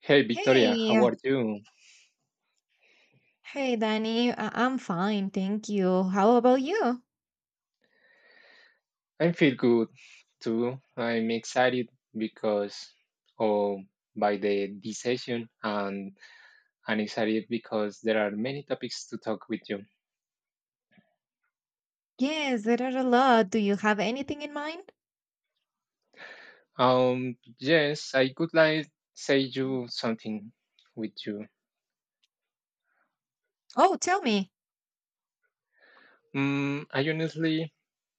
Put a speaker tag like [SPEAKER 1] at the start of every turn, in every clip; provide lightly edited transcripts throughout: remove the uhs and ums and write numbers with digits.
[SPEAKER 1] Hey Victoria, how
[SPEAKER 2] Hey,
[SPEAKER 1] are you?
[SPEAKER 2] hey, Danny. I'm fine, thank you. How about you?
[SPEAKER 1] I feel good too. I'm excited because of by the this session, and I'm excited because there are many topics to talk with you.
[SPEAKER 2] Yes, there are a lot. Do you have anything in mind?
[SPEAKER 1] Yes, I could like say
[SPEAKER 2] Mm.
[SPEAKER 1] you something with you.
[SPEAKER 2] Oh, tell me.
[SPEAKER 1] I honestly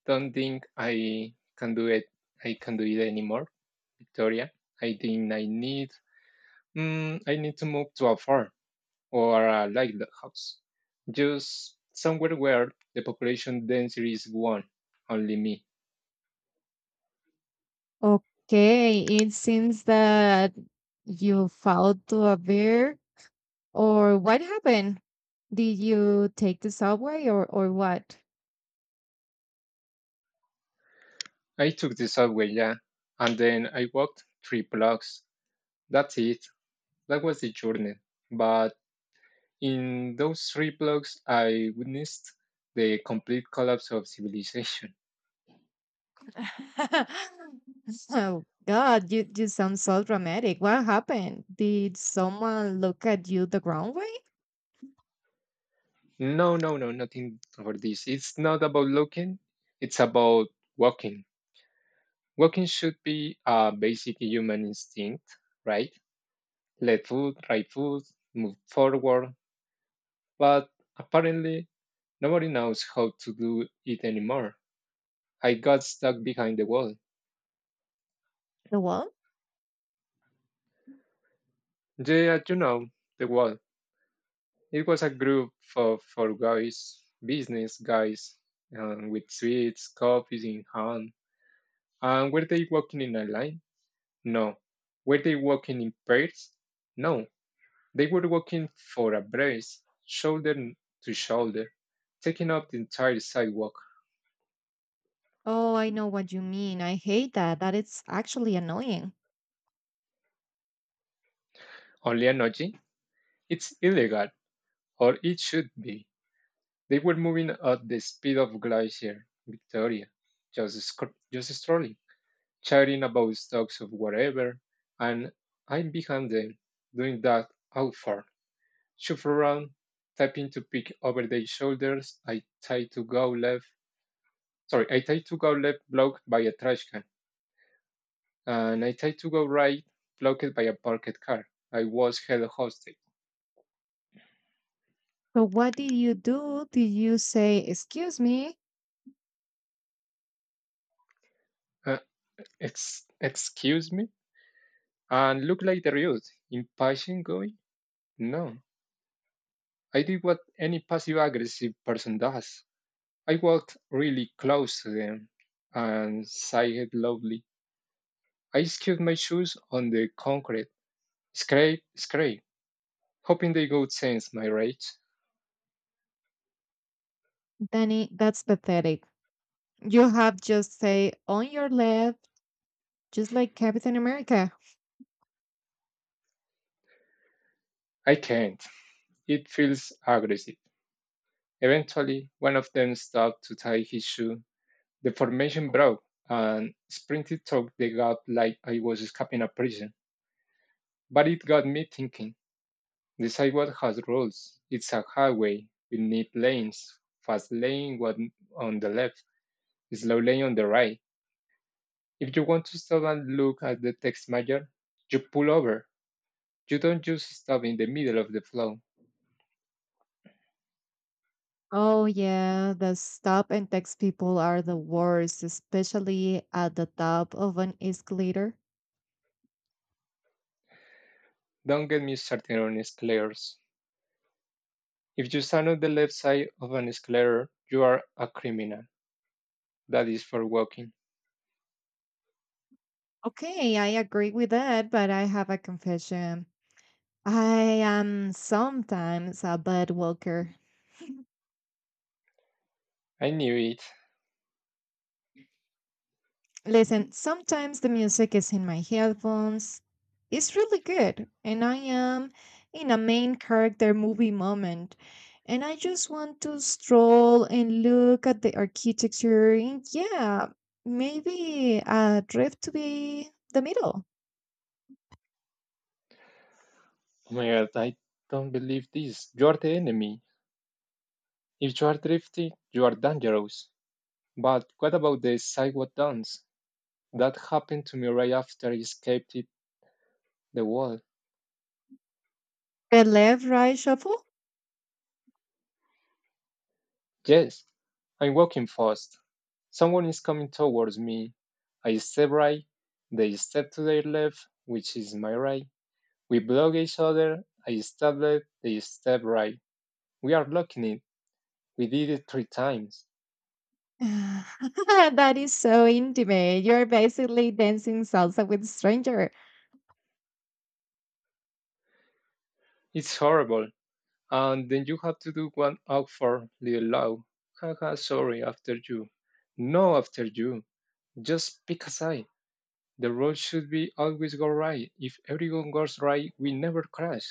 [SPEAKER 1] don't think I can do it anymore, Victoria. I think I need to move to afar. Or a lighthouse, just somewhere where the population density is one, only me.
[SPEAKER 2] Okay, it seems that you fell to a bear, or what happened? Did you take the subway or what?
[SPEAKER 1] I took the subway, yeah, and then I walked three blocks. That's it. That was the journey. But in those three blocks, I witnessed the complete collapse of civilization.
[SPEAKER 2] Oh God, you sound so dramatic. What happened? Did someone look at you the wrong way?
[SPEAKER 1] No, no, no, nothing for this. It's not about looking, it's about walking. Walking should be a basic human instinct, right? Left foot, right foot, move forward, but apparently nobody knows how to do it anymore. I got stuck behind the wall.
[SPEAKER 2] The wall?
[SPEAKER 1] Yeah, you know, the wall. It was a group for guys, business guys, with sweets, coffees in hand. And were they walking in a line? No. Were they walking in pairs? No. They were walking for a brace, shoulder to shoulder, taking up the entire sidewalk.
[SPEAKER 2] Oh, I know what you mean. I hate that. That it's actually annoying.
[SPEAKER 1] Only an OG? It's illegal, or it should be. They were moving at the speed of glacier, Victoria, just strolling, chatting about stocks of whatever, and I'm behind them, doing that out far. Shuffle around, tapping to pick over their shoulders. I try to go left, blocked by a trash can, and I try to go right, blocked by a parked car. I was held hostage.
[SPEAKER 2] So what did you do? Did you say, excuse me?
[SPEAKER 1] Uh, excuse me, and look like the youth, impatient going? No. I did what any passive aggressive person does. I walked really close to them and sighed loudly. I skipped my shoes on the concrete. Scrape, scrape, hoping they would sense my rage.
[SPEAKER 2] Danny, that's pathetic. You have just say on your left, just like Captain America.
[SPEAKER 1] I can't. It feels aggressive. Eventually, one of them stopped to tie his shoe. The formation broke and sprinted through the gap like I was escaping a prison. But it got me thinking. The sidewalk has rules. It's a highway. We need lanes. Fast lane one on the left, slow lane on the right. If you want to stop and look at the text major, you pull over. You don't just stop in the middle of the flow.
[SPEAKER 2] Oh yeah, the stop and text people are the worst, especially at the top of an escalator.
[SPEAKER 1] Don't get me started on escalators. If you stand on the left side of an escalator, you are a criminal. That is for walking.
[SPEAKER 2] Okay, I agree with that, but I have a confession. I am sometimes a bad walker.
[SPEAKER 1] I knew it.
[SPEAKER 2] Listen, sometimes the music is in my headphones. It's really good, and I am in a main character movie moment. And I just want to stroll and look at the architecture, and yeah, maybe a drift to be the middle.
[SPEAKER 1] Oh my god, I don't believe this. You are the enemy. If you are drifting, you are dangerous. But what about the sidewalk dance? That happened to me right after I escaped the wall.
[SPEAKER 2] The left right shuffle?
[SPEAKER 1] Yes, I'm walking fast. Someone is coming towards me. I step right, they step to their left, which is my right. We block each other. I step left, they step right. We are blocking it. We did it three times.
[SPEAKER 2] That is so intimate. You're basically dancing salsa with stranger.
[SPEAKER 1] It's horrible. And then you have to do one out for little low. Haha, sorry, after you. No, after you. Just pick a side. The road should be always go right. If everyone goes right, we never crash.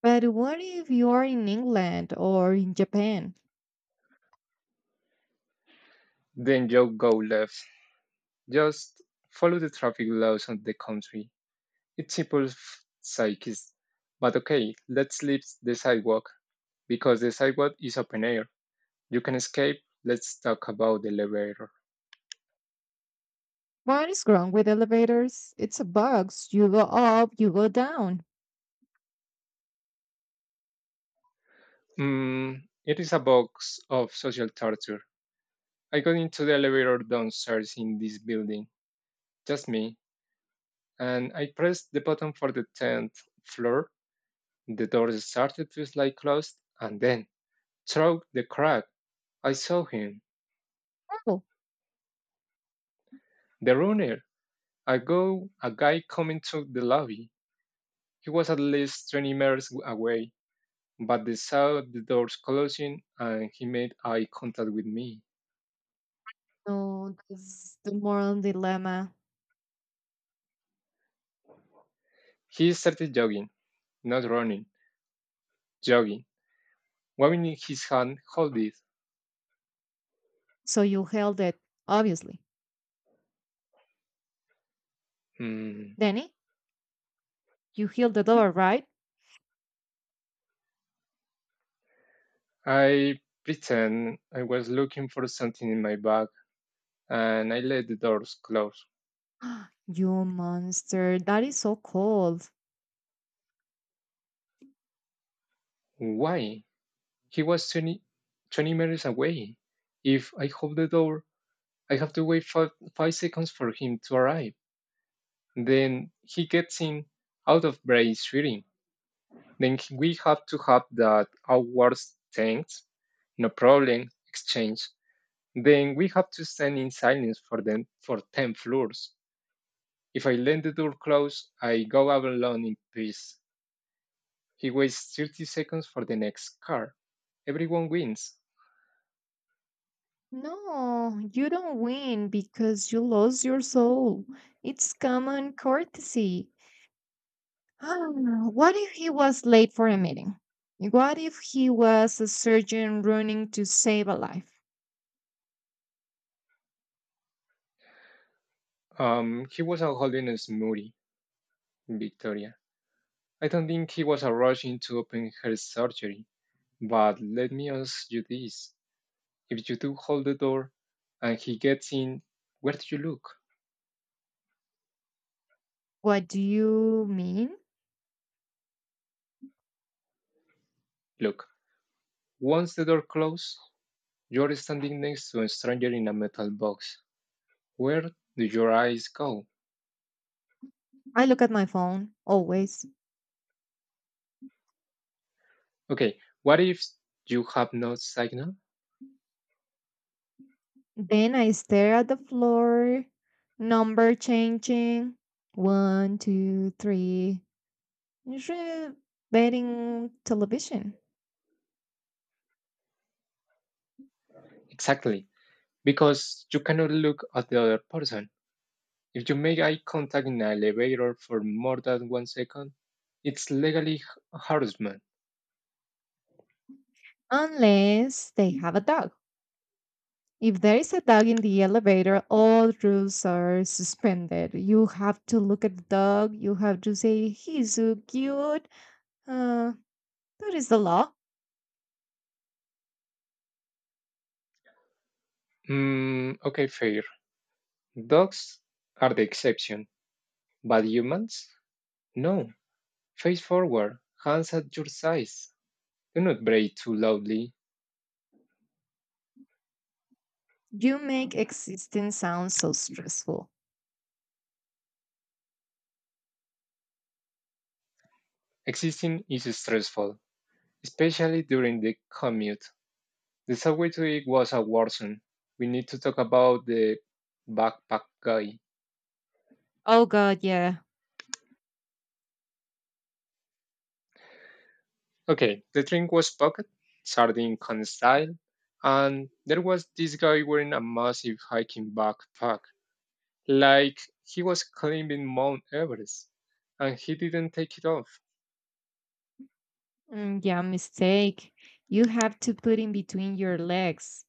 [SPEAKER 2] But what if you're in England or in Japan?
[SPEAKER 1] Then you go left. Just follow the traffic laws of the country. It's simple f- psychist. But okay, let's leave the sidewalk because the sidewalk is open air. You can escape. Let's talk about the elevator.
[SPEAKER 2] What is wrong with elevators? It's a box. You go up, you go down.
[SPEAKER 1] Mm, it is a box of social torture. I got into the elevator downstairs in this building, just me, and I pressed the button for the 10th floor. The doors started to slide closed, and then, through the crack, I saw him,
[SPEAKER 2] Oh,
[SPEAKER 1] the runner, a guy coming to the lobby. He was at least 20 meters away, but they saw the doors closing and he made eye contact with me.
[SPEAKER 2] no, that's the moral dilemma.
[SPEAKER 1] He started jogging, not running, jogging, waving his hand, hold it.
[SPEAKER 2] So you held it, obviously.
[SPEAKER 1] Hmm.
[SPEAKER 2] Danny, you held the door, right?
[SPEAKER 1] I pretend I was looking for something in my bag and I let the doors close.
[SPEAKER 2] You monster. That is so cold.
[SPEAKER 1] Why? He was twenty meters away. If I hold the door, I have to wait five seconds for him to arrive. Then he gets in out of breath shooting. Then he- we have to have that hours thanks, no problem, exchange. Then we have to stand in silence for them for 10 floors. If I let the door close, I go out alone in peace. He waits 30 seconds for the next car. Everyone wins.
[SPEAKER 2] No, you don't win because you lost your soul. It's common courtesy. Ah, what if he was late for a meeting? What if he was a surgeon running to save a life?
[SPEAKER 1] He wasn't holding a smoothie, Victoria. I don't think he was a rush into open her surgery, but let me ask you this. If you do hold the door and he gets in, where do you look?
[SPEAKER 2] What do you mean?
[SPEAKER 1] Look, once the door closes, you're standing next to a stranger in a metal box. Where do your eyes go?
[SPEAKER 2] I look at my phone, always.
[SPEAKER 1] Okay, what if you have no signal?
[SPEAKER 2] Then I stare at the floor, number changing. One, two, three. Usually betting television.
[SPEAKER 1] Exactly, because you cannot look at the other person. If you make eye contact in an elevator for more than 1 second, it's legally harassment.
[SPEAKER 2] Unless they have a dog. If there is a dog in the elevator, all rules are suspended. You have to look at the dog. You have to say, he's so cute. Uh, that is the law.
[SPEAKER 1] Mm, okay, fair. Dogs are the exception, but humans? No. Face forward, hands at your sides. Do not bray too loudly.
[SPEAKER 2] You make existing sound so stressful.
[SPEAKER 1] Existing is stressful, especially during the commute. The subway today was a war zone. We need to talk about the backpack guy.
[SPEAKER 2] Oh, God, yeah.
[SPEAKER 1] Okay, the drink was pocket, sardine can style, and there was this guy wearing a massive hiking backpack, like he was climbing Mount Everest, and he didn't take it off.
[SPEAKER 2] Mm, yeah, mistake. You have to put in between your legs.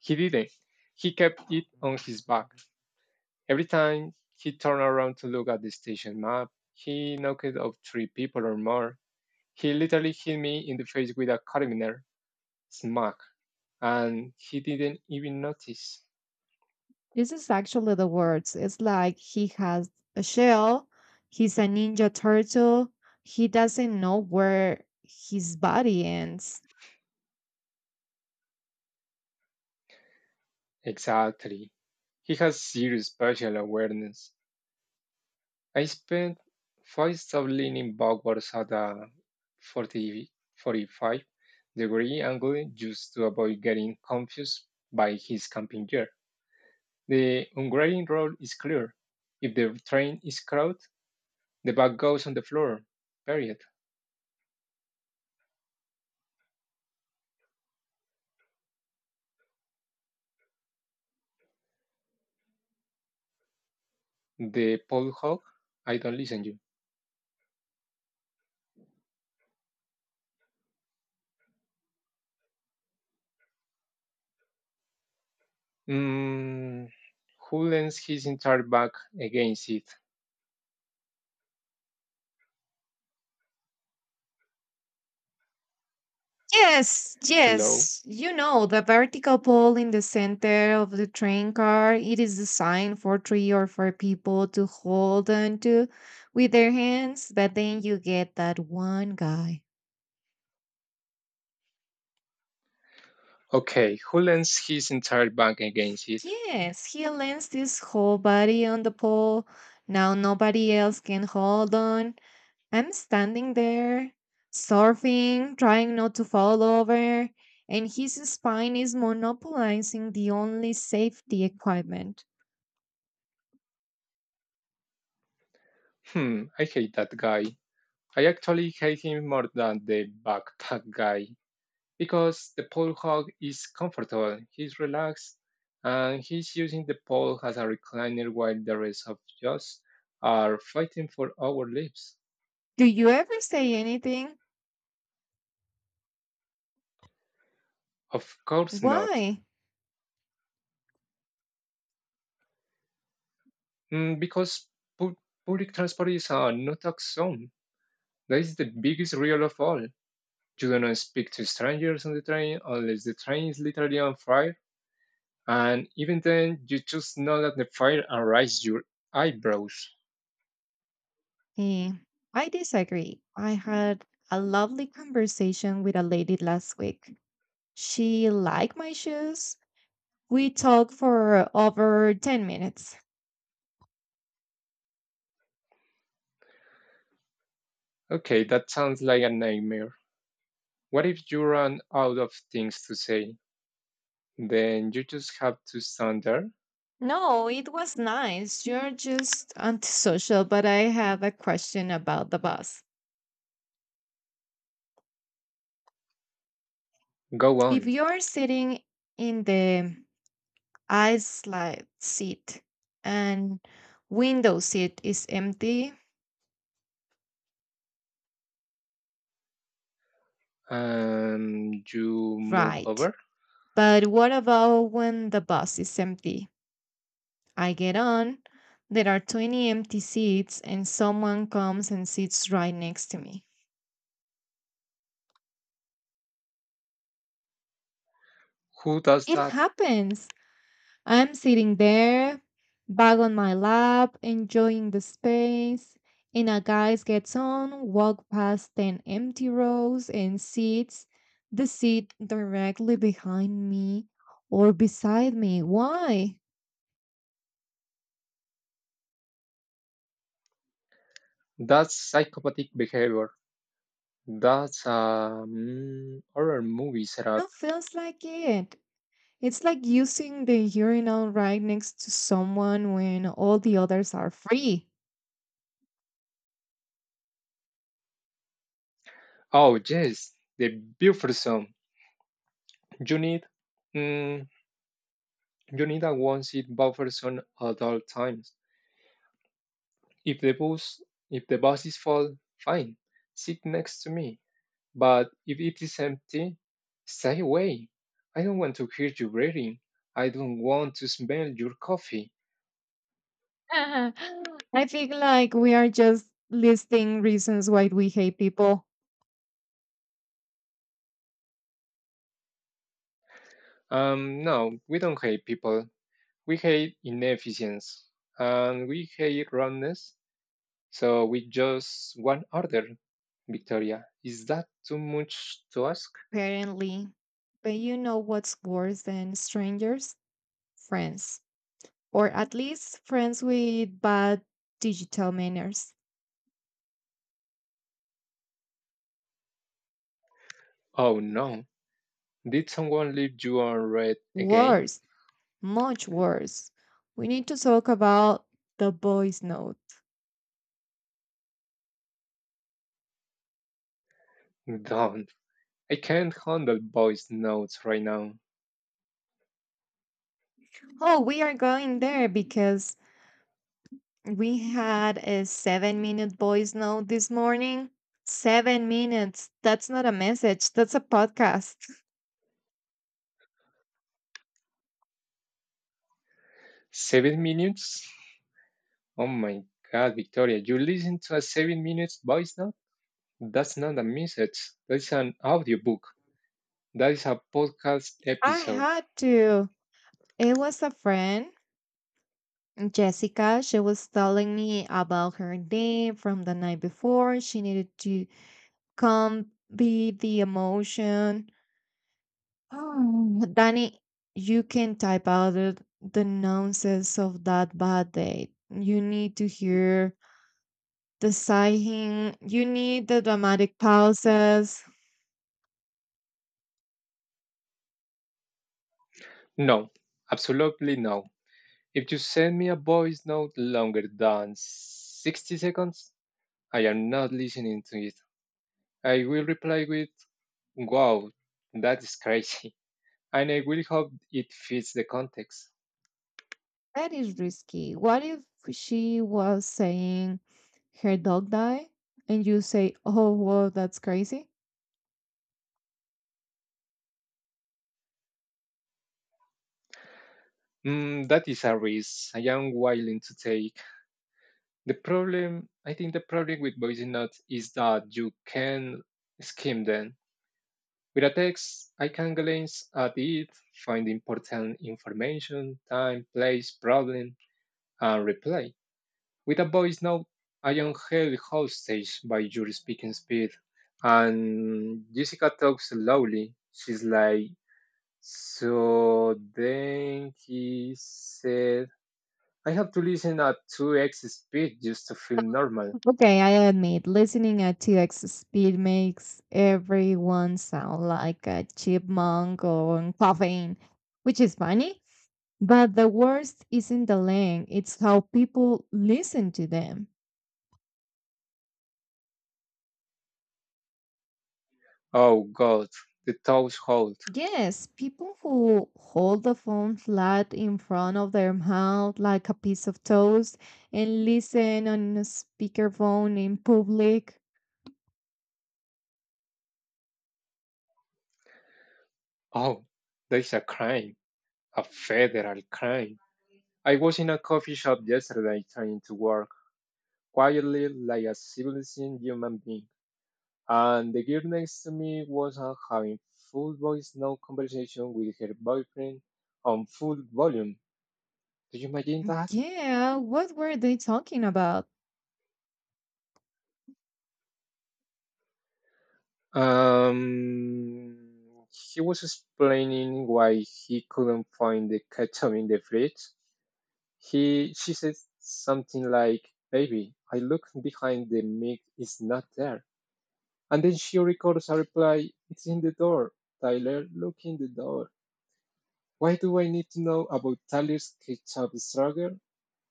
[SPEAKER 1] He didn't. He kept it on his back. Every time he turned around to look at the station map, he knocked off three people or more. He literally hit me in the face with a carabiner, smack, and he didn't even notice.
[SPEAKER 2] This is actually the words. It's like he has a shell, he's a ninja turtle, he doesn't know where his body ends.
[SPEAKER 1] Exactly. He has zero spatial awareness. I spent 5 hours leaning backwards at a 40 45 degree angle just to avoid getting confused by his camping gear. The ungrading rule is clear. If the train is crowded, the bag goes on the floor. Period. The pole hog, I don't listen to you. Mm, who leans his entire back against it?
[SPEAKER 2] Yes,
[SPEAKER 1] Hello?
[SPEAKER 2] yes. You know, the vertical pole in the center of the train car, it is designed for 3 or 4 people to hold on to with their hands, but then you get that one guy.
[SPEAKER 1] Okay, who leans his entire back against it?
[SPEAKER 2] Yes, he lands his whole body on the pole. Now nobody else can hold on. I'm standing there, surfing, trying not to fall over, and his spine is monopolizing the only safety equipment.
[SPEAKER 1] Hmm, I hate that guy. I actually hate him more than the backpack guy because the pole hog is comfortable, he's relaxed, and he's using the pole as a recliner while the rest of us are fighting for our lives.
[SPEAKER 2] Do you ever say anything?
[SPEAKER 1] Of course not.
[SPEAKER 2] Why?
[SPEAKER 1] Because pu- public transport is a no tax zone. That is the biggest rule of all. You do not speak to strangers on the train unless the train is literally on fire. And even then, you just nod at the fire and raise your eyebrows.
[SPEAKER 2] Eh, I disagree. I had a lovely conversation with a lady last week. She liked my shoes. We talked for over 10 minutes.
[SPEAKER 1] Okay, that sounds like a nightmare. What if you run out of things to say? Then you just have to stand there.
[SPEAKER 2] No, it was nice. You're just antisocial, but I have a question about the bus.
[SPEAKER 1] Go
[SPEAKER 2] If
[SPEAKER 1] on.
[SPEAKER 2] you're sitting in the aisle slide seat and window seat is empty,
[SPEAKER 1] And you move
[SPEAKER 2] right?
[SPEAKER 1] over.
[SPEAKER 2] But what about when the bus is empty? I get on, there are 20 empty seats, and someone comes and sits right next to me.
[SPEAKER 1] Who does
[SPEAKER 2] It
[SPEAKER 1] that?
[SPEAKER 2] happens. I'm sitting there, bag on my lap, enjoying the space, and a guy gets on, walk past 10 empty rows, and sits the seat directly behind me or beside me. Why?
[SPEAKER 1] That's psychopathic behavior. That's a mm, horror movie setup.
[SPEAKER 2] It feels like it. It's like using the urinal right next to someone when all the others are free.
[SPEAKER 1] Oh yes, the buffer zone. You need, mm, you need a one-seat buffer zone at all times. If the bus, if the bus is full, fine. Sit next to me. But if it is empty, stay away. I don't want to hear you breathing. I don't want to smell your coffee.
[SPEAKER 2] I think like we are just listing reasons why we hate people,
[SPEAKER 1] No, we don't hate people. We hate inefficiency and we hate roundness. So we just one order. Victoria, is that too much to ask?
[SPEAKER 2] apparently. But you know what's worse than strangers? Friends, or at least friends with bad digital manners.
[SPEAKER 1] Oh no. Did someone leave you unread again?
[SPEAKER 2] Worse, much worse. We need to talk about the voice note.
[SPEAKER 1] Don't. I can't handle voice notes right now.
[SPEAKER 2] Oh, we are going there because we had a 7 minute voice note this morning. 7 minutes. That's not a message, that's a podcast.
[SPEAKER 1] 7 minutes? Oh my God, Victoria, you listen to a 7 minutes voice note? That's not a message. That is an audiobook. That is a podcast
[SPEAKER 2] I
[SPEAKER 1] episode.
[SPEAKER 2] had to. It was a friend, Jessica. She was telling me about her day from the night before. She needed to can be the emotion. Oh, Danny, you can type out the nonsense of that bad day. You need to hear the sighing. You need the dramatic pauses.
[SPEAKER 1] No, absolutely no. If you send me a voice note longer than 60 seconds, I am not listening to it. I will reply with, wow, that is crazy. And I will hope it fits the context.
[SPEAKER 2] That is risky. What if she was saying her dog died and you say, oh, whoa, that's crazy?
[SPEAKER 1] Mm, that is a risk I am willing to take. The problem, I think the problem with voice notes is that you can skim them. With a text, I can glance at it, find important information, time, place, problem, and reply. With a voice note, I am held hostage by your speaking speed. And Jessica talks slowly. She's like, so then he said, I have to listen at 2x speed just to feel normal.
[SPEAKER 2] Okay, I admit, listening at TX speed makes everyone sound like a chipmunk on caffeine, which is funny. But the worst isn't the length, it's how people listen to them.
[SPEAKER 1] Oh God, the toes hold.
[SPEAKER 2] Yes, people who hold the phone flat in front of their mouth like a piece of toast and listen on a speakerphone in public.
[SPEAKER 1] Oh, there's a crime, a federal crime. I was in a coffee shop yesterday trying to work quietly like a civilized human being, and the girl next to me was having full voice no conversation with her boyfriend on full volume. Do you imagine that?
[SPEAKER 2] Yeah, what were they talking about?
[SPEAKER 1] Um, he was explaining why he couldn't find the ketchup in the fridge. He she said something like, "Baby, I look behind the mic, it's not there." And then she records a reply, "It's in the door, Tyler. Look in the door." Why do I need to know about Tyler's ketchup struggle?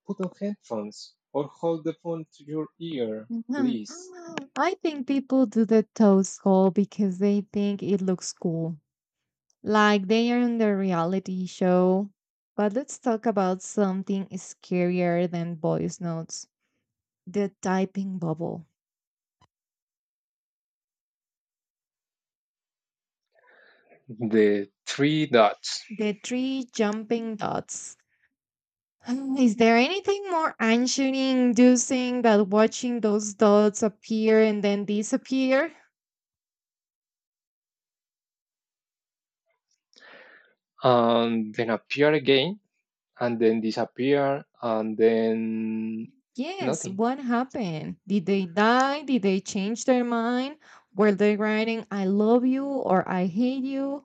[SPEAKER 1] Put on headphones or hold the phone to your ear,
[SPEAKER 2] Mhm.
[SPEAKER 1] please.
[SPEAKER 2] I think people do the toast call because they think it looks cool, like they are in the reality show. But let's talk about something scarier than voice notes, the typing bubble,
[SPEAKER 1] The three dots,
[SPEAKER 2] the three jumping dots. Is there anything more anxiety inducing than watching those dots appear and then disappear?
[SPEAKER 1] and then appear again, and then disappear, and then
[SPEAKER 2] Yes,
[SPEAKER 1] nothing.
[SPEAKER 2] what happened? Did they die? Did they change their mind? Were they writing, I love you or I hate you?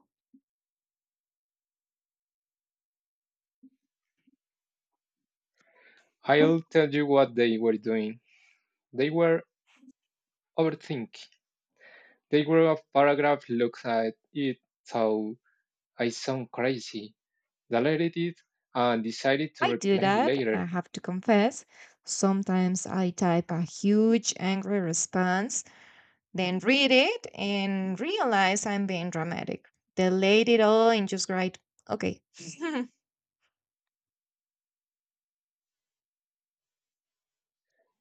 [SPEAKER 2] Mm,
[SPEAKER 1] I'll tell you what they were doing. They were overthink. They wrote a paragraph, looked at it, thought I sound crazy, deleted it, and decided to
[SPEAKER 2] I do
[SPEAKER 1] replay
[SPEAKER 2] that,
[SPEAKER 1] later.
[SPEAKER 2] I have to confess. Sometimes I type a huge angry response, then read it and realize I'm being dramatic. Delete it all and just write, okay.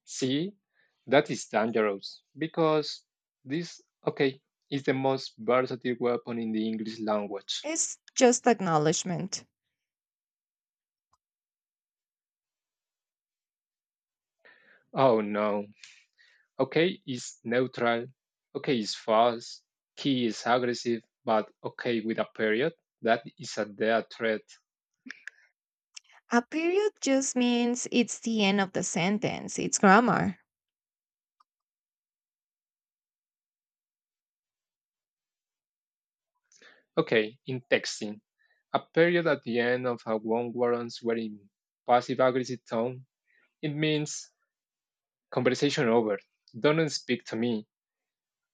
[SPEAKER 1] See, that is dangerous because this, okay, is the most versatile weapon in the English language.
[SPEAKER 2] It's just acknowledgement.
[SPEAKER 1] Oh no. Okay is neutral. Okay is fast. Key is aggressive, but okay with a period. That is a death threat.
[SPEAKER 2] A period just means it's the end of the sentence, it's grammar.
[SPEAKER 1] Okay, in texting, a period at the end of a one warrants where in passive aggressive tone, it means conversation over, don't speak to me.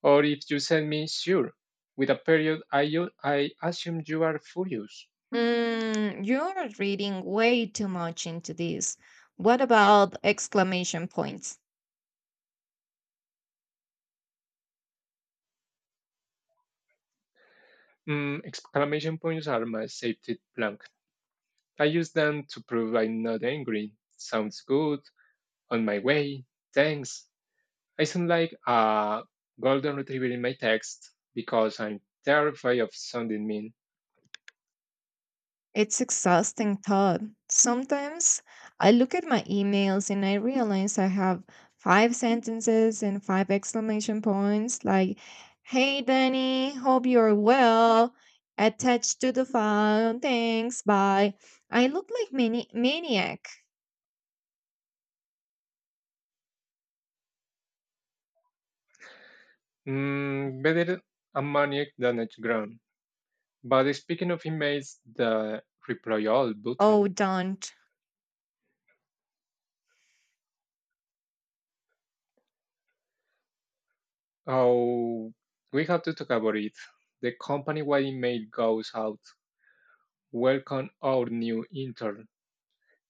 [SPEAKER 1] Or if you send me sure, with a period, I assume you are furious.
[SPEAKER 2] Mm, you're reading way too much into this. What about exclamation points?
[SPEAKER 1] Mm, exclamation points are my safety blank. I use them to prove I'm not angry. Sounds good. On my way. Thanks. I sound like a golden retriever in my text because I'm terrified of sounding mean.
[SPEAKER 2] It's exhausting thought. Sometimes I look at my emails and I realize I have 5 sentences and 5 exclamation points like, hey Danny, hope you're well. Attached to the file, thanks, bye. I look like maniac.
[SPEAKER 1] Mm, better a maniac than a Gran. But speaking of emails, the reply all
[SPEAKER 2] Oh,
[SPEAKER 1] button.
[SPEAKER 2] don't.
[SPEAKER 1] Oh, we have to talk about it. The company-wide email goes out, welcome our new intern,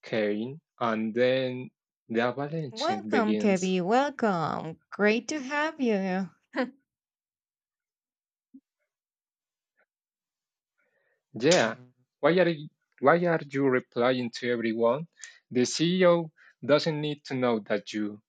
[SPEAKER 1] Kane, and then the avalanche
[SPEAKER 2] Welcome,
[SPEAKER 1] begins.
[SPEAKER 2] Kevy. Welcome. Great to have you.
[SPEAKER 1] Yeah, why are y- why are you replying to everyone? The CEO doesn't need to know that you.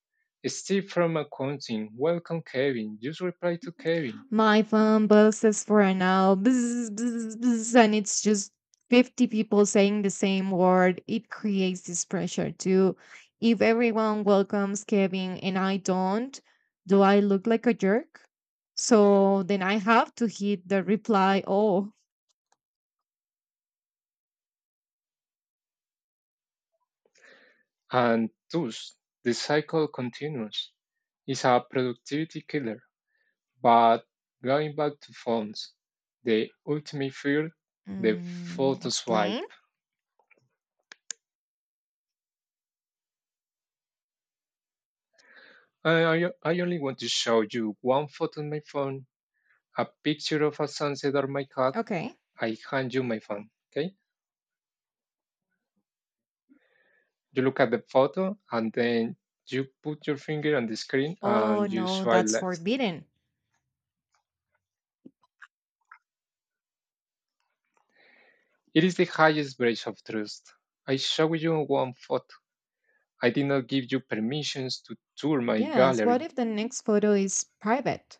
[SPEAKER 1] Steve from accounting, welcome Kevin. Just reply to Kevin.
[SPEAKER 2] My phone buzzes for an hour. Bzz, bzz, bzz, and it's just 50 people saying the same word. It creates this pressure too. If everyone welcomes Kevin and I don't, do I look like a jerk? So then I have to hit the reply all.
[SPEAKER 1] And thus, the cycle continues. It's a productivity killer. But going back to phones, the ultimate fear, the
[SPEAKER 2] Mm,
[SPEAKER 1] photo swipe.
[SPEAKER 2] explain?
[SPEAKER 1] I only want to show you one photo on my phone, a picture of a sunset or my cat.
[SPEAKER 2] Okay.
[SPEAKER 1] I hand you my phone. Okay? You look at the photo and then you put your finger on the screen
[SPEAKER 2] Oh,
[SPEAKER 1] and you
[SPEAKER 2] no,
[SPEAKER 1] swipe
[SPEAKER 2] that's
[SPEAKER 1] left.
[SPEAKER 2] forbidden.
[SPEAKER 1] It is the highest breach of trust. I show you one photo I did not give you permissions to tour my
[SPEAKER 2] Yes. What
[SPEAKER 1] gallery.
[SPEAKER 2] if the next photo is private?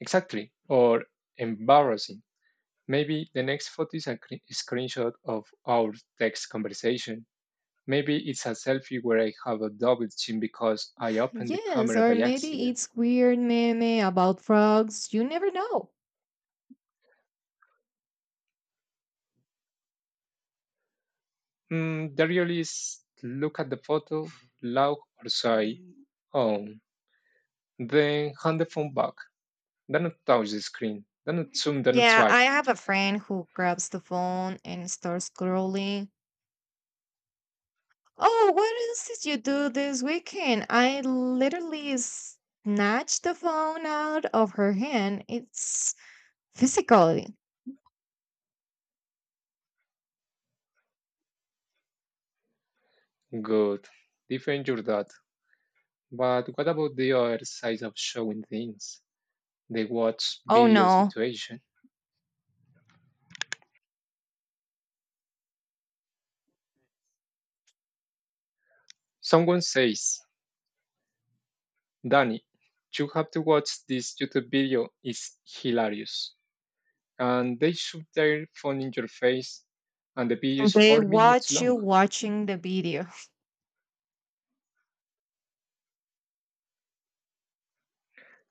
[SPEAKER 1] Exactly. Or embarrassing. Maybe the next photo is a screenshot of our text conversation. Maybe it's a selfie where I have a double chin because I opened the
[SPEAKER 2] Yes,
[SPEAKER 1] camera
[SPEAKER 2] or
[SPEAKER 1] by
[SPEAKER 2] maybe
[SPEAKER 1] accident.
[SPEAKER 2] it's weird meme about frogs. You never know.
[SPEAKER 1] Mm, the real is look at the photo, laugh or sigh, oh, then hand the phone back. Don't touch the screen. Don't zoom, don't
[SPEAKER 2] Yeah,
[SPEAKER 1] swipe.
[SPEAKER 2] I have a friend who grabs the phone and starts scrolling. Oh, what else did you do this weekend? I literally snatched the phone out of her hand. It's physically.
[SPEAKER 1] Good. Defend your dad. But what about the other side of showing things? The watch
[SPEAKER 2] Oh
[SPEAKER 1] video
[SPEAKER 2] no.
[SPEAKER 1] situation. Someone says, Danny, you have to watch this YouTube video. It's hilarious. And they shove their phone in your face, and the video is
[SPEAKER 2] They
[SPEAKER 1] 4 minutes
[SPEAKER 2] watch you
[SPEAKER 1] long.
[SPEAKER 2] watching the video.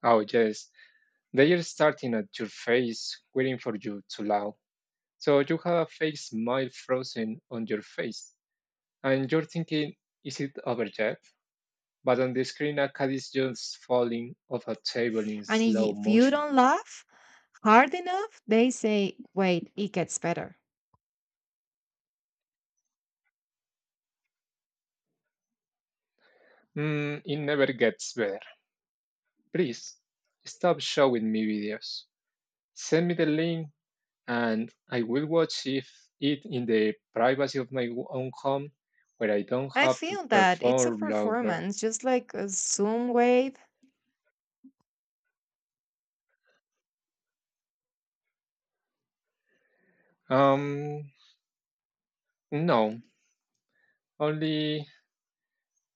[SPEAKER 1] Oh, yes. They are starting at your face, waiting for you to laugh. So you have a fake smile frozen on your face. And you're thinking, is it over yet? But on the screen, Akkad is just falling off a table in
[SPEAKER 2] And
[SPEAKER 1] slow
[SPEAKER 2] if you
[SPEAKER 1] motion.
[SPEAKER 2] don't laugh hard enough, they say, wait, it gets better.
[SPEAKER 1] Mm, it never gets better. Please, stop showing me videos. Send me the link and I will watch if it in the privacy of my own home where I don't
[SPEAKER 2] I
[SPEAKER 1] have to
[SPEAKER 2] feel that it's a
[SPEAKER 1] perform longer.
[SPEAKER 2] performance, just like a Zoom wave.
[SPEAKER 1] Um, no, only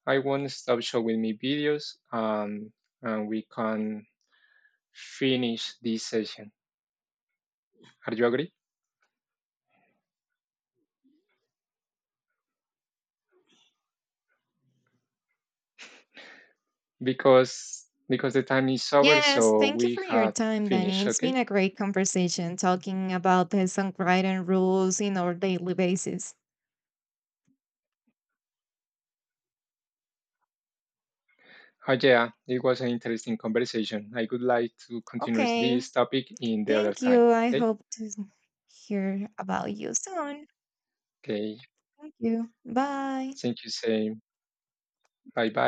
[SPEAKER 1] I won't stop showing me videos and we can finish this session. Are you agree? Because the time is over,
[SPEAKER 2] Yes,
[SPEAKER 1] so
[SPEAKER 2] thank you
[SPEAKER 1] we
[SPEAKER 2] for your
[SPEAKER 1] had
[SPEAKER 2] time, Danny.
[SPEAKER 1] finished.
[SPEAKER 2] It's
[SPEAKER 1] Okay.
[SPEAKER 2] been a great conversation talking about the songwriting rules in our daily basis.
[SPEAKER 1] Oh yeah, it was an interesting conversation. I would like to continue
[SPEAKER 2] Okay,
[SPEAKER 1] this topic in the other
[SPEAKER 2] thank
[SPEAKER 1] time.
[SPEAKER 2] you. I
[SPEAKER 1] Okay.
[SPEAKER 2] hope to hear about you soon.
[SPEAKER 1] Okay.
[SPEAKER 2] Thank you. Bye.
[SPEAKER 1] Thank you. Same. Bye